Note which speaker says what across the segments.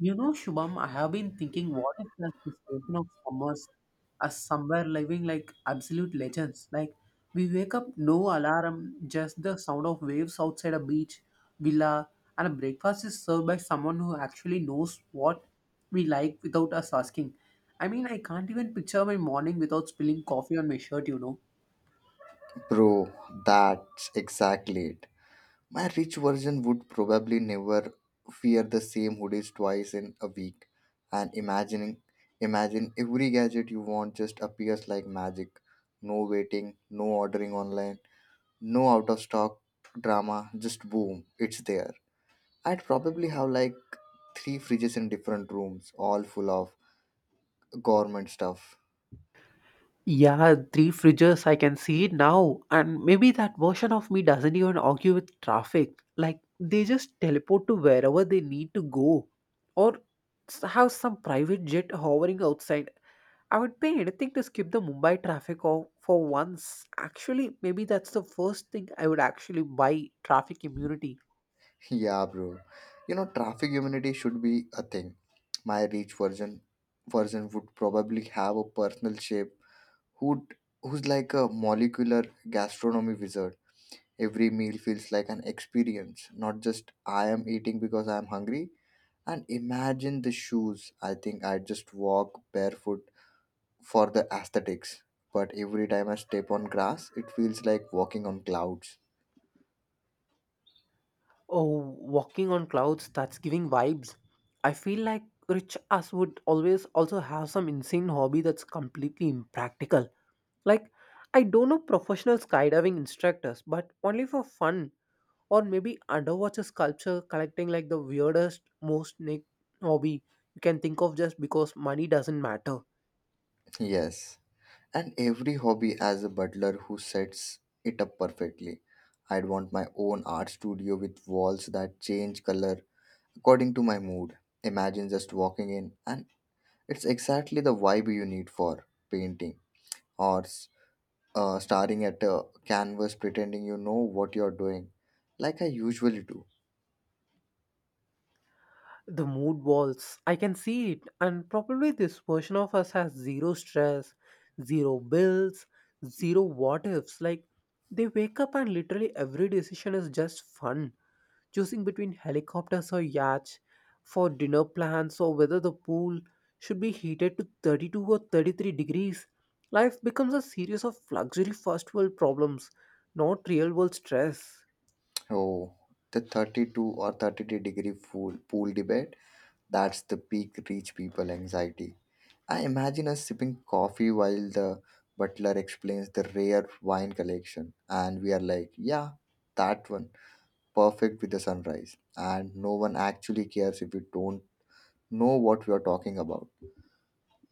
Speaker 1: You know, Shubham, I have been thinking, what if the station of summers are somewhere living like absolute legends? Like, we wake up, no alarm, just the sound of waves outside a beach, villa, and a breakfast is served by someone who actually knows what we like without us asking. I mean, I can't even picture my morning without spilling coffee on my shirt.
Speaker 2: Bro, that's exactly it. My rich version would probably never wear the same hoodies twice in a week. And imagine every gadget you want just appears like magic. No waiting, no ordering online, no out of stock drama, just boom, it's there. I'd probably have like three fridges in different rooms, all full of government stuff.
Speaker 1: Yeah, three fridges, I can see it now. And maybe that version of me doesn't even argue with traffic. Like, they just teleport to wherever they need to go. Or have some private jet hovering outside. I would pay anything to skip the Mumbai traffic or for once. Actually, maybe that's the first thing I would actually buy traffic immunity.
Speaker 2: Yeah, bro. You know, traffic immunity should be a thing. My rich version would probably have a personal chef who'd who's like a molecular gastronomy wizard. Every meal feels like an experience, not just I am eating because I am hungry. And imagine the shoes. I think I just walk barefoot for the aesthetics. But every time I step on grass, it feels like walking on clouds.
Speaker 1: Oh, walking on clouds, that's giving vibes. I feel like rich us would always also have some insane hobby that's completely impractical. Like, I don't know, professional skydiving instructors, but only for fun, or maybe underwater sculpture collecting, like the weirdest, most niche hobby you can think of just because money doesn't matter.
Speaker 2: Yes. And every hobby has a butler who sets it up perfectly. I'd want my own art studio with walls that change color according to my mood. Imagine just walking in, and it's exactly the vibe you need for painting or staring at a canvas pretending you know what you're doing, like I usually do.
Speaker 1: The mood walls, I can see it, and probably this version of us has zero stress, zero bills, zero what ifs. Like, they wake up and literally every decision is just fun, choosing between helicopters or yachts for dinner plans, or whether the pool should be heated to 32 or 33 degrees. Life becomes a series of luxury first world problems, not real world stress.
Speaker 2: Oh, the 32 or 33 degree pool debate. That's the peak rich people anxiety. I imagine us sipping coffee while the butler explains the rare wine collection, and we are like, yeah, that one, perfect with the sunrise. And no one actually cares if we don't know what we are talking about.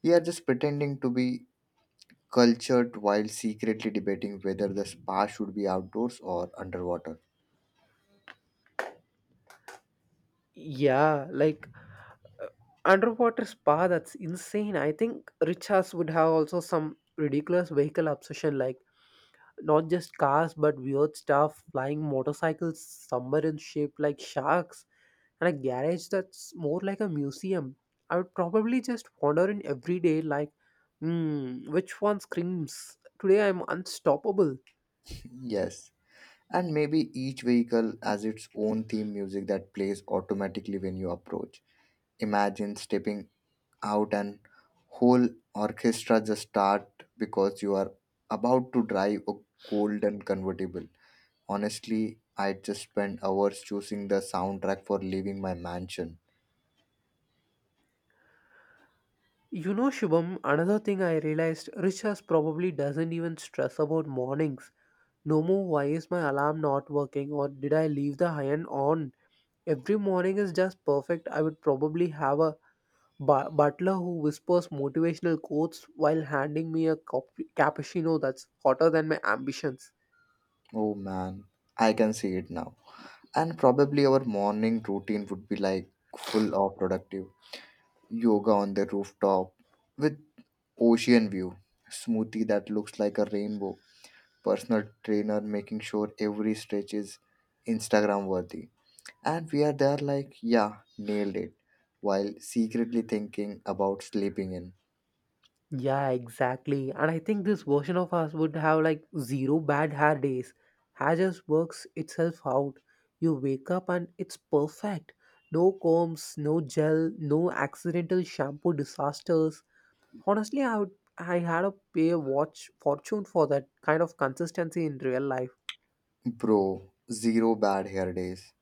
Speaker 2: We are just pretending to be cultured while secretly debating whether the spa should be outdoors or underwater.
Speaker 1: Yeah, like underwater spa, that's insane. I think Richards would have also some ridiculous vehicle obsession, like not just cars but weird stuff, flying motorcycles, submarines shaped like sharks, and a garage that's more like a museum. I would probably just wander in every day, like, hmm, which one screams, today I'm unstoppable?
Speaker 2: Yes. And maybe each vehicle has its own theme music that plays automatically when you approach. Imagine stepping out and whole orchestra just start because you are about to drive a golden convertible. Honestly, I just spend hours choosing the soundtrack for leaving my mansion.
Speaker 1: You know, Shubham, another thing I realized, Richas probably doesn't even stress about mornings. No more, why is my alarm not working, or did I leave the iron on? Every morning is just perfect. I would probably have a butler who whispers motivational quotes while handing me a cappuccino that's hotter than my ambitions.
Speaker 2: Oh man, I can see it now. And probably our morning routine would be like full of productive yoga on the rooftop with ocean view, smoothie that looks like a rainbow, personal trainer making sure every stretch is Instagram worthy. And we are there like, yeah, nailed it, while secretly thinking about sleeping in.
Speaker 1: Yeah, exactly. And I think this version of us would have like zero bad hair days. Hair just works itself out. You wake up and it's perfect. No combs, no gel, no accidental shampoo disasters. Honestly, I had to pay a watch fortune for that kind of consistency in real life.
Speaker 2: Bro, zero bad hair days.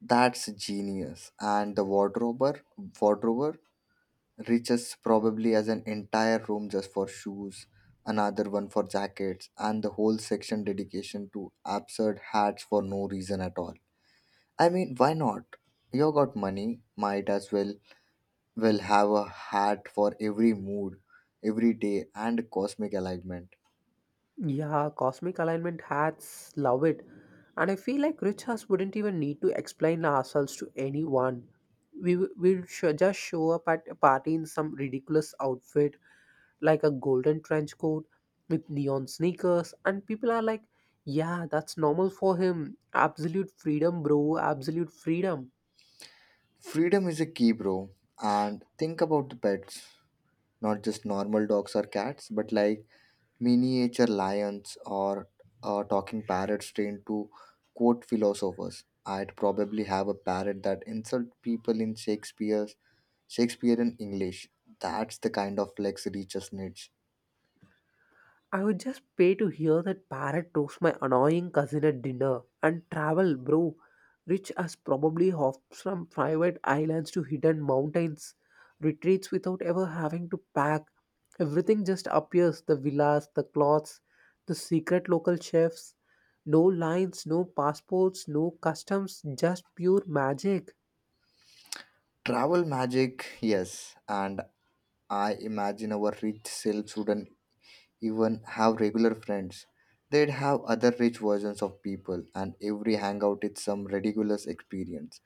Speaker 2: That's genius. And the wardrober reaches probably as an entire room just for shoes, another one for jackets, and the whole section dedication to absurd hats for no reason at all. I mean, why not? You got money, might as well will have a hat for every mood, every day, and cosmic alignment.
Speaker 1: Yeah, cosmic alignment hats, love it. And I feel like rich us wouldn't even need to explain ourselves to anyone. We will just show up at a party in some ridiculous outfit, like a golden trench coat with neon sneakers, and people are like, yeah, that's normal for him. Absolute freedom, bro, absolute freedom.
Speaker 2: Freedom is a key, bro. And think about the pets, not just normal dogs or cats, but like miniature lions or talking parrots trained to quote philosophers. I'd probably have a parrot that insult people in Shakespeare's Shakespearean English. That's the kind of flex reaches niche.
Speaker 1: I would just pay to hear that parrot roast my annoying cousin at dinner. And travel, bro. Rich as probably hops from private islands to hidden mountains, retreats without ever having to pack. Everything just appears, the villas, the cloths, the secret local chefs. No lines, no passports, no customs, just pure magic.
Speaker 2: Travel magic, yes, and I imagine our rich selves wouldn't even have regular friends. They'd have other rich versions of people, and every hangout is some ridiculous experience.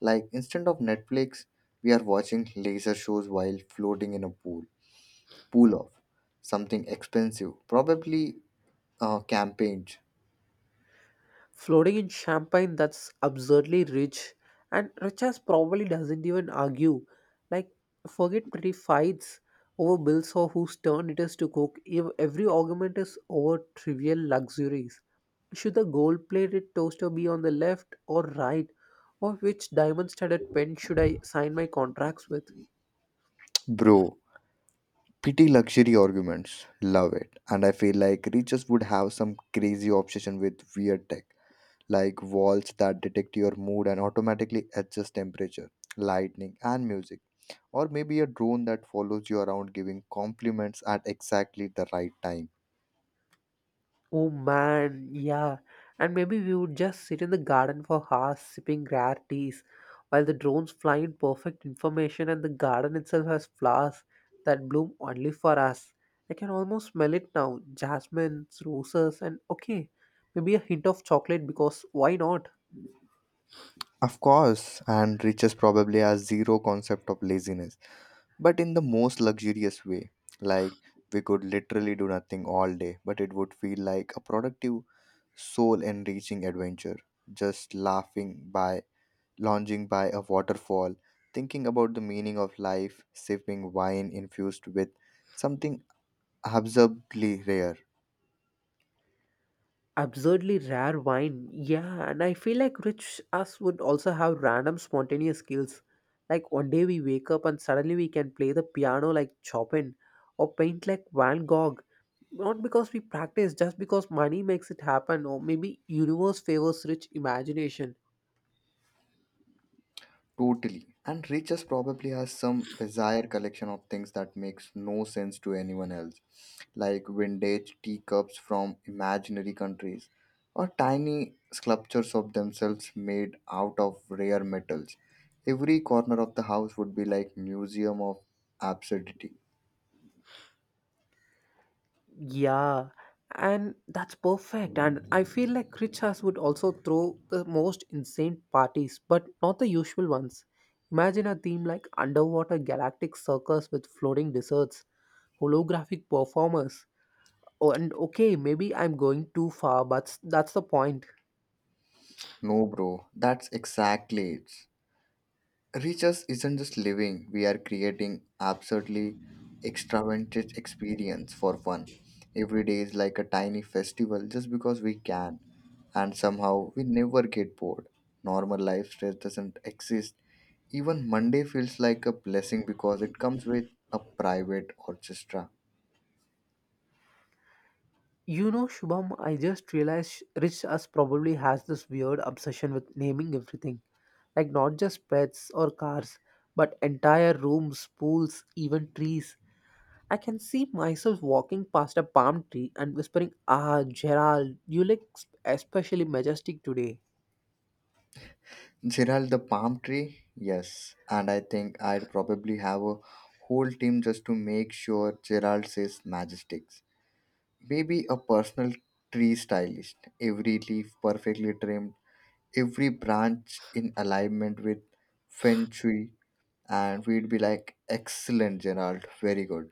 Speaker 2: Like instead of Netflix, we are watching laser shows while floating in a pool. Pool off. Something expensive. Probably campaigns.
Speaker 1: Floating in champagne, that's absurdly rich. And Richas probably doesn't even argue. Like, forget pretty fights over bills or whose turn it is to cook. Every argument is over trivial luxuries. Should the gold plated toaster be on the left or right? Or which diamond studded pen should I sign my contracts with?
Speaker 2: Bro, pity luxury arguments. Love it. And I feel like riches would have some crazy obsession with weird tech, like walls that detect your mood and automatically adjust temperature, lightning, and music. Or maybe a drone that follows you around giving compliments at exactly the right time.
Speaker 1: Oh man, yeah. And maybe we would just sit in the garden for hours sipping rare teas while the drones fly in perfect information and the garden itself has flowers that bloom only for us. I can almost smell it now, jasmines, roses, and okay, maybe a hint of chocolate because why not?
Speaker 2: Of course, and riches probably has zero concept of laziness, but in the most luxurious way. Like we could literally do nothing all day, but it would feel like a productive, soul enriching adventure. Just lounging by a waterfall, thinking about the meaning of life, sipping wine infused with something absurdly rare.
Speaker 1: Absurdly rare wine, yeah. And I feel like rich us would also have random spontaneous skills. Like one day we wake up and suddenly we can play the piano like Chopin or paint like Van Gogh. Not because we practice, just because money makes it happen, or maybe universe favors rich imagination.
Speaker 2: Totally. And Riches probably has some bizarre collection of things that makes no sense to anyone else, like vintage teacups from imaginary countries, or tiny sculptures of themselves made out of rare metals. Every corner of the house would be like museum of absurdity.
Speaker 1: Yeah, and that's perfect. And I feel like Richas would also throw the most insane parties, but not the usual ones. Imagine a theme like underwater galactic circus with floating desserts, holographic performers. Oh, and okay, maybe I'm going too far, but that's the point.
Speaker 2: No, bro, that's exactly it. Riches isn't just living, we are creating absurdly extravagant experience for fun. Every day is like a tiny festival just because we can, and somehow we never get bored. Normal life stress doesn't exist. Even Monday feels like a blessing because it comes with a private orchestra.
Speaker 1: You know, Shubham, I just realized, Rich Us probably has this weird obsession with naming everything. Like, not just pets or cars, but entire rooms, pools, even trees. I can see myself walking past a palm tree and whispering, "Ah, Gerald, you look especially majestic today."
Speaker 2: Gerald the palm tree? Yes. And I think I'd probably have a whole team just to make sure Gerald says majestic. Maybe a personal tree stylist, every leaf perfectly trimmed, every branch in alignment with feng shui, and we'd be like, excellent, Gerald, very good.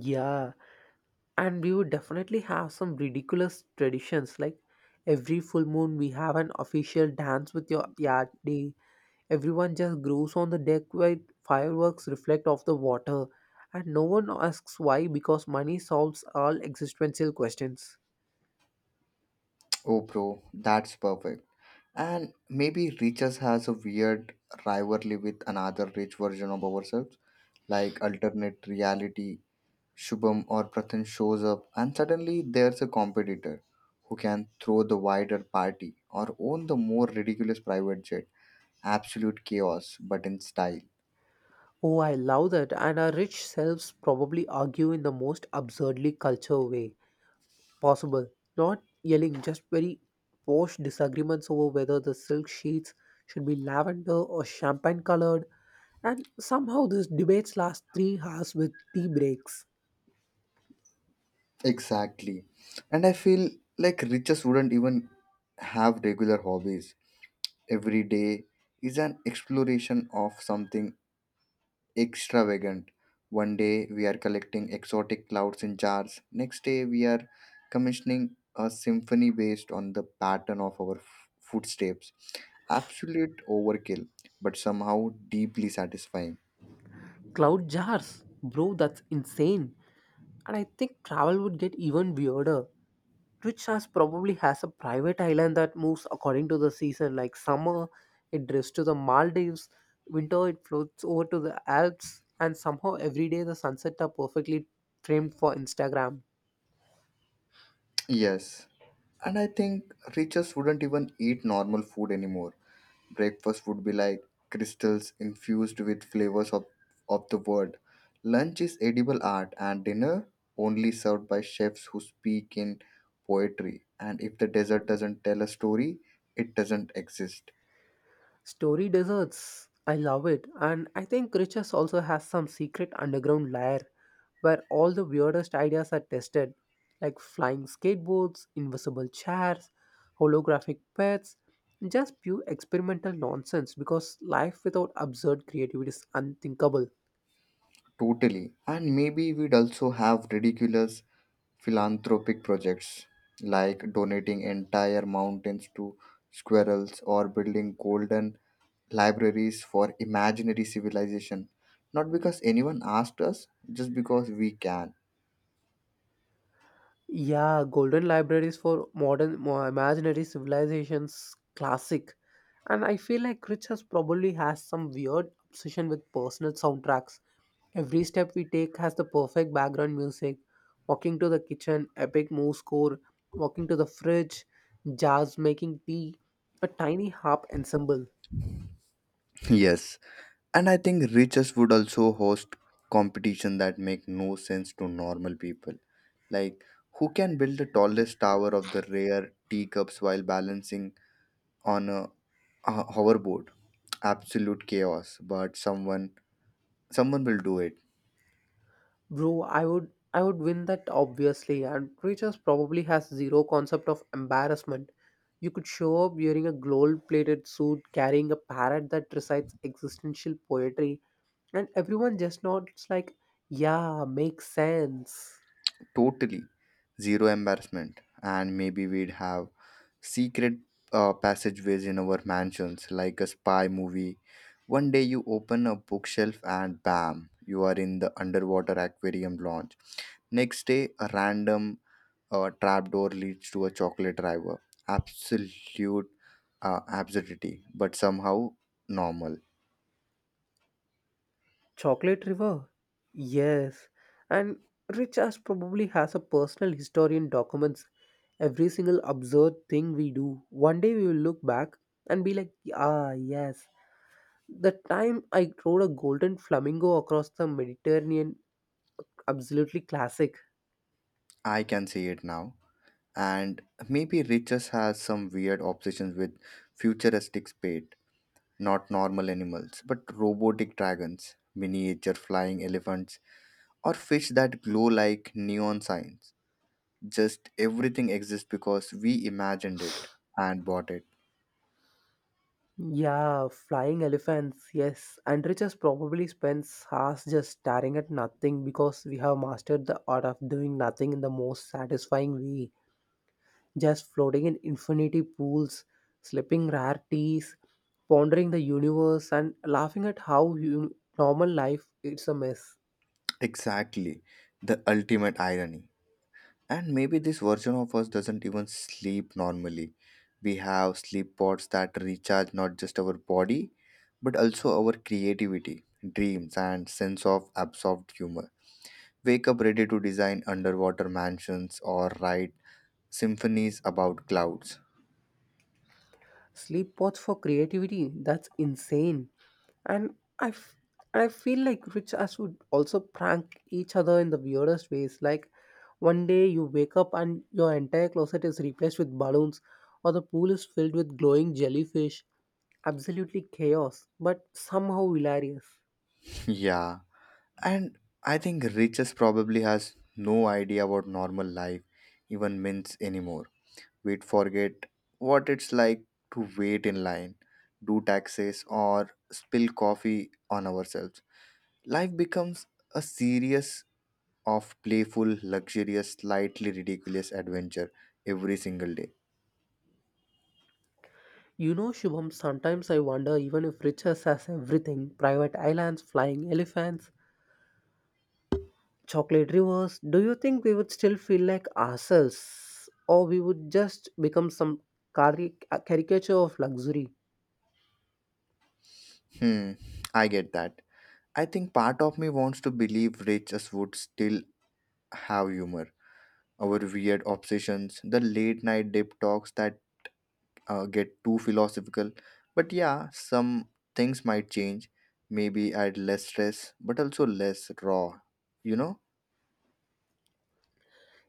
Speaker 1: Yeah, and we would definitely have some ridiculous traditions, like every full moon we have an official dance with your yard day. Everyone just grows on the deck while fireworks reflect off the water. And no one asks why, because money solves all existential questions.
Speaker 2: Oh, bro, that's perfect. And maybe Riches has a weird rivalry with another rich version of ourselves, like alternate reality Shubham or Prathan shows up, and suddenly there's a competitor who can throw the wider party or own the more ridiculous private jet. Absolute chaos, but in style.
Speaker 1: Oh, I love that. And our rich selves probably argue in the most absurdly culture way possible. Not yelling, just very posh disagreements over whether the silk sheets should be lavender or champagne colored. And somehow these debates last 3 hours with tea breaks.
Speaker 2: Exactly. And I feel like riches wouldn't even have regular hobbies. Every day is an exploration of something extravagant. One day we are collecting exotic clouds in jars, next day we are commissioning a symphony based on the pattern of our footsteps. Absolute overkill, but somehow deeply satisfying.
Speaker 1: Cloud jars, bro, that's insane. And I think travel would get even weirder. Twitch has probably has a private island that moves according to the season. Like summer, it drifts to the Maldives. Winter, it floats over to the Alps. And somehow every day the sunsets are perfectly framed for Instagram.
Speaker 2: Yes. And I think riches wouldn't even eat normal food anymore. Breakfast would be like crystals infused with of the world. Lunch is edible art, and dinner only served by chefs who speak in poetry. And if the desert doesn't tell a story, it doesn't exist.
Speaker 1: Story deserts, I love it. And I think Riches also has some secret underground lair where all the weirdest ideas are tested, like flying skateboards, invisible chairs, holographic pets, just pure experimental nonsense because life without absurd creativity is unthinkable.
Speaker 2: Totally. And maybe we'd also have ridiculous philanthropic projects like donating entire mountains to squirrels or building golden libraries for imaginary civilization, not because anyone asked us, just because we can.
Speaker 1: Yeah, Golden Libraries for Imaginary Civilizations, classic. And I feel like Rich has probably has some weird obsession with personal soundtracks. Every step we take has the perfect background music. Walking to the kitchen, epic move score. Walking to the fridge, jars making tea, a tiny harp ensemble.
Speaker 2: Yes, and I think riches would also host competition that make no sense to normal people. Like who can build the tallest tower of the rare teacups while balancing on a hoverboard? Absolute chaos, but someone will do it.
Speaker 1: Bro, I would win that obviously. And Richards probably has zero concept of embarrassment. You could show up wearing a gold-plated suit, carrying a parrot that recites existential poetry, and everyone just nods like, "Yeah, makes sense."
Speaker 2: Totally, zero embarrassment, and maybe we'd have secret passageways in our mansions like a spy movie. One day you open a bookshelf and bam, you are in the underwater aquarium launch. Next day a random trapdoor leads to a chocolate river. Absolute absurdity, but somehow normal.
Speaker 1: Chocolate River, yes. And Richards probably has a personal history and documents every single absurd thing we do. One day we will look back and be like, "Ah, yes, the time I rode a golden flamingo across the Mediterranean, absolutely classic."
Speaker 2: I can see it now. And maybe riches has some weird obsessions with futuristic spade, not normal animals, but robotic dragons, miniature flying elephants, or fish that glow like neon signs. Just everything exists because we imagined it and bought it.
Speaker 1: Yeah, flying elephants, yes. And Richard probably spends hours just staring at nothing because we have mastered the art of doing nothing in the most satisfying way. Just floating in infinity pools, slipping rare teas, pondering the universe, and laughing at how, you normal life, it's a mess.
Speaker 2: Exactly, the ultimate irony. And maybe this version of us doesn't even sleep normally. We have sleep pods that recharge not just our body, but also our creativity, dreams, and sense of absorbed humor. Wake up ready to design underwater mansions or write symphonies about clouds.
Speaker 1: Sleep pods for creativity, that's insane. And I, f- I feel like rich us would also prank each other in the weirdest ways. Like one day you wake up and your entire closet is replaced with balloons, or the pool is filled with glowing jellyfish. Absolutely chaos, but somehow hilarious.
Speaker 2: Yeah. And I think Riches probably has no idea what normal life even means anymore. We'd forget what it's like to wait in line, do taxes, or spill coffee on ourselves. Life becomes a series of playful, luxurious, slightly ridiculous adventure every single day.
Speaker 1: You know, Shubham, sometimes I wonder, even if Richards has everything, private islands, flying elephants, chocolate rivers, do you think we would still feel like ourselves, or we would just become some cari- caricature of luxury?
Speaker 2: Hmm, I get that. I think part of me wants to believe Riches would still have humor. Our weird obsessions, the late night deep talks that get too philosophical. But yeah, some things might change. Maybe add less stress, but also less raw, you know.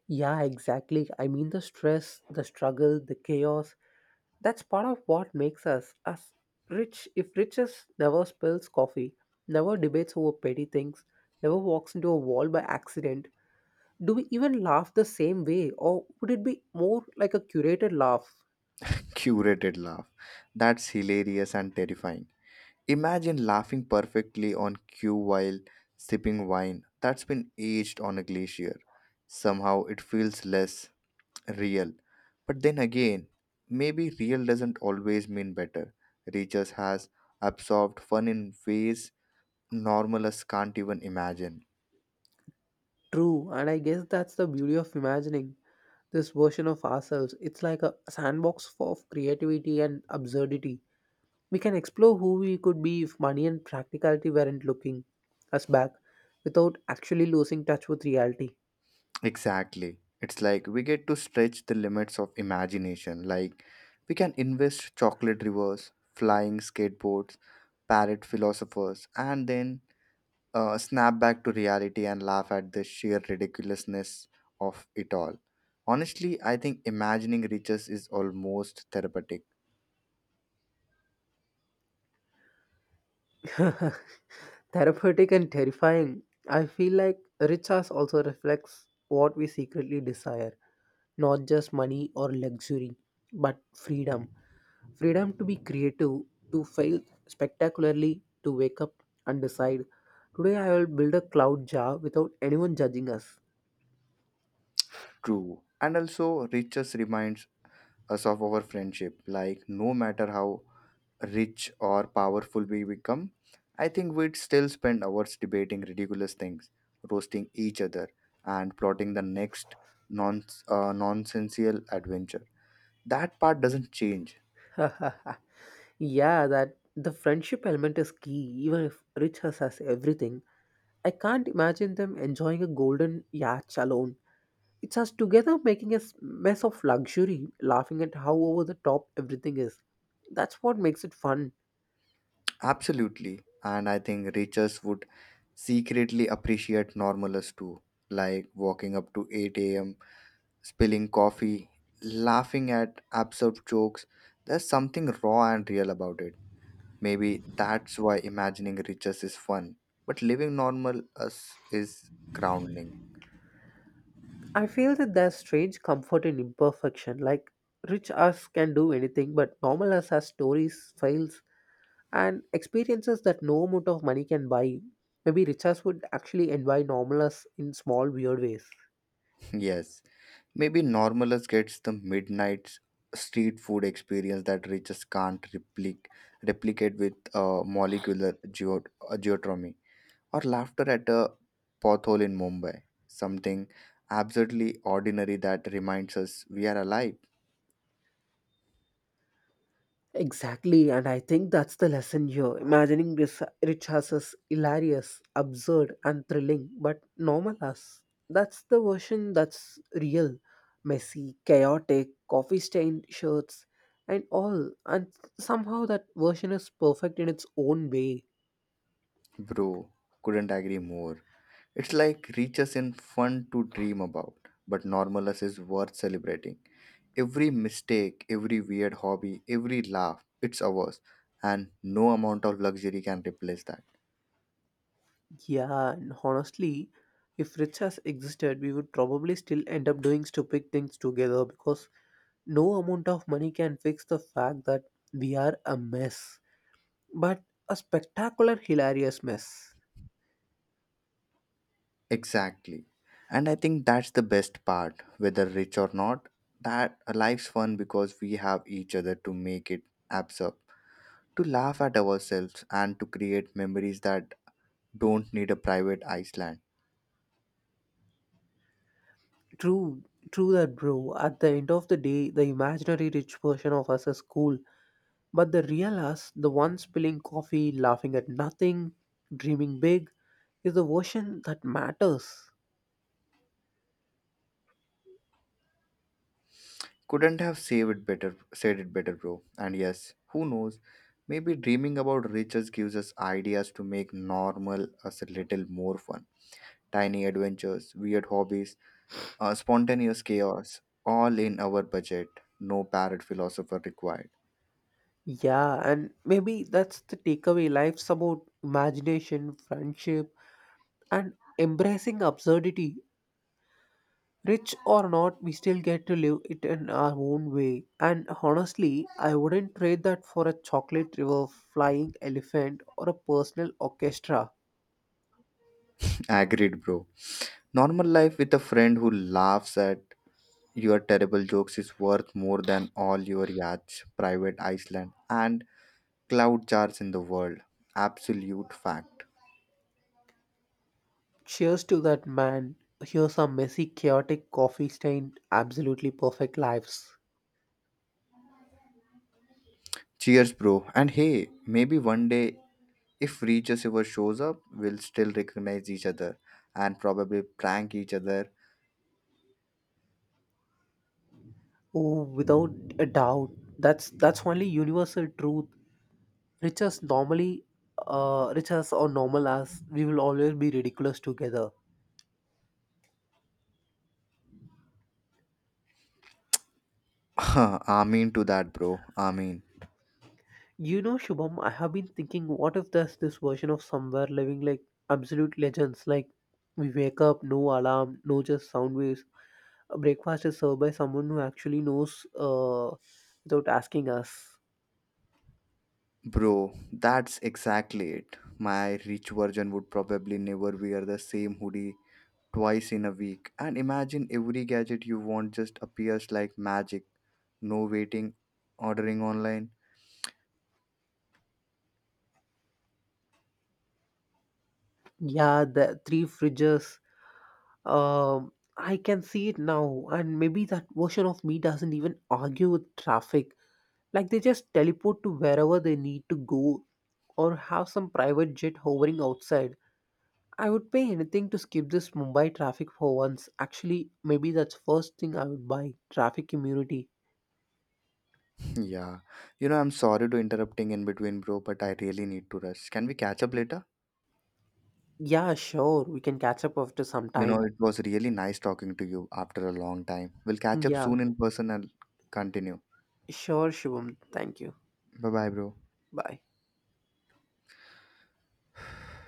Speaker 1: Yeah, exactly. I mean, the stress, the struggle, the chaos, that's part of what makes us us rich. If riches never spills coffee, never debates over petty things, never walks into a wall by accident, do we even laugh the same way, or would it be more like a curated laugh?
Speaker 2: Curated laugh. That's hilarious and terrifying. Imagine laughing perfectly on cue while sipping wine that's been aged on a glacier. Somehow it feels less real. But then again, maybe real doesn't always mean better. Reaches has absorbed fun in ways normalists can't even imagine.
Speaker 1: True, and I guess that's the beauty of imagining this version of ourselves. It's like a sandbox of creativity and absurdity. We can explore who we could be if money and practicality weren't looking us back without actually losing touch with reality.
Speaker 2: Exactly. It's like we get to stretch the limits of imagination. Like we can invest chocolate rivers, flying skateboards, parrot philosophers, and then snap back to reality and laugh at the sheer ridiculousness of it all. Honestly, I think imagining riches is almost therapeutic.
Speaker 1: Therapeutic and terrifying. I feel like rich ass also reflects what we secretly desire, not just money or luxury, but freedom. Freedom to be creative, to fail spectacularly, to wake up and decide, today I will build a cloud jar without anyone judging us.
Speaker 2: True. And also, riches reminds us of our friendship. Like, no matter how rich or powerful we become, I think we'd still spend hours debating ridiculous things, roasting each other, and plotting the next nonsensical adventure. That part doesn't change.
Speaker 1: Yeah, that the friendship element is key, even if Rich has everything. I can't imagine them enjoying a golden yacht alone. It's us together making a mess of luxury, laughing at how over the top everything is. That's what makes it fun.
Speaker 2: Absolutely. And I think riches would secretly appreciate normalers too, like walking up to 8 a.m., spilling coffee, laughing at absurd jokes. There's something raw and real about it. Maybe that's why imagining riches is fun, but living normal us is grounding.
Speaker 1: I feel that there's strange comfort in imperfection. Like rich us can do anything, but normal us has stories, files, and experiences that no amount of money can buy. Maybe rich us would actually envy normal us in small weird ways.
Speaker 2: Yes. Maybe Normalus gets the midnight street food experience that riches can't replicate with molecular geotomy or laughter at a pothole in Mumbai. Something absurdly ordinary that reminds us we are alive,
Speaker 1: Exactly, and I think that's the lesson here. Imagining this rich us as hilarious, absurd, and thrilling, but normal us, that's the version that's real. Messy, chaotic, coffee stained shirts, and all. And somehow that version is perfect in its own way.
Speaker 2: bro. Couldn't agree more. It's like reaches in fun to dream about, but Normalus is worth celebrating. Every mistake, every weird hobby, every laugh, it's ours, and no amount of luxury can replace that.
Speaker 1: Yeah, and honestly, if Rich has existed, we would probably still end up doing stupid things together because no amount of money can fix the fact that we are a mess, but a spectacular hilarious mess.
Speaker 2: Exactly. And I think that's the best part, whether rich or not, that a life's fun because we have each other to make it absurd, to laugh at ourselves, and to create memories that don't need a private Iceland.
Speaker 1: True, true that, bro. At the end of the day, the imaginary rich version of us is cool, but the real us, the one spilling coffee, laughing at nothing, dreaming big, is the version that matters.
Speaker 2: Couldn't have saved it better, said it better, bro. And yes, who knows? Maybe dreaming about riches gives us ideas to make normal us a little more fun. Tiny adventures, weird hobbies, spontaneous chaos, all in our budget. No parrot philosopher required.
Speaker 1: Yeah, and maybe that's the takeaway, life's about imagination, friendship, and embracing absurdity. Rich or not, we still get to live it in our own way. And honestly, I wouldn't trade that for a chocolate river, flying elephant, or a personal orchestra.
Speaker 2: Agreed, bro. Normal life with a friend who laughs at your terrible jokes is worth more than all your yachts, private island, and cloud jars in the world. Absolute fact.
Speaker 1: Cheers to that, man. Here's some messy, chaotic, coffee stained, absolutely perfect lives.
Speaker 2: Cheers, bro. And hey, maybe one day, if Reaches ever shows up, we'll still recognize each other and probably prank each other.
Speaker 1: Oh, without a doubt. That's only universal truth. Rich as normally, rich as or normal as, we will always be ridiculous together.
Speaker 2: I mean to that, bro. I mean,
Speaker 1: You know, Shubham, I have been thinking, what if there's this version of somewhere living like absolute legends? Like, we wake up, no alarm, no just sound waves. A breakfast is served by someone who actually knows, without asking us.
Speaker 2: bro, that's exactly it. My rich version would probably never wear the same hoodie twice in a week. And imagine every gadget you want just appears like magic. No waiting, ordering online.
Speaker 1: Yeah, the three fridges. I can see it now, and maybe that version of me doesn't even argue with traffic. Like, they just teleport to wherever they need to go, or have some private jet hovering outside. I would pay anything to skip this Mumbai traffic for once. Actually, maybe that's first thing I would buy. Traffic immunity.
Speaker 2: Yeah. You know, I'm sorry to interrupting in between, bro, but I really need to rush. Can we catch up later?
Speaker 1: Yeah, sure. We can catch up after some
Speaker 2: You know,
Speaker 1: time.
Speaker 2: it was really nice talking to you after a long time. We'll catch up
Speaker 1: Yeah,
Speaker 2: soon in person and continue.
Speaker 1: sure, Shivam. Thank you.
Speaker 2: Bye bye, bro.
Speaker 1: Bye.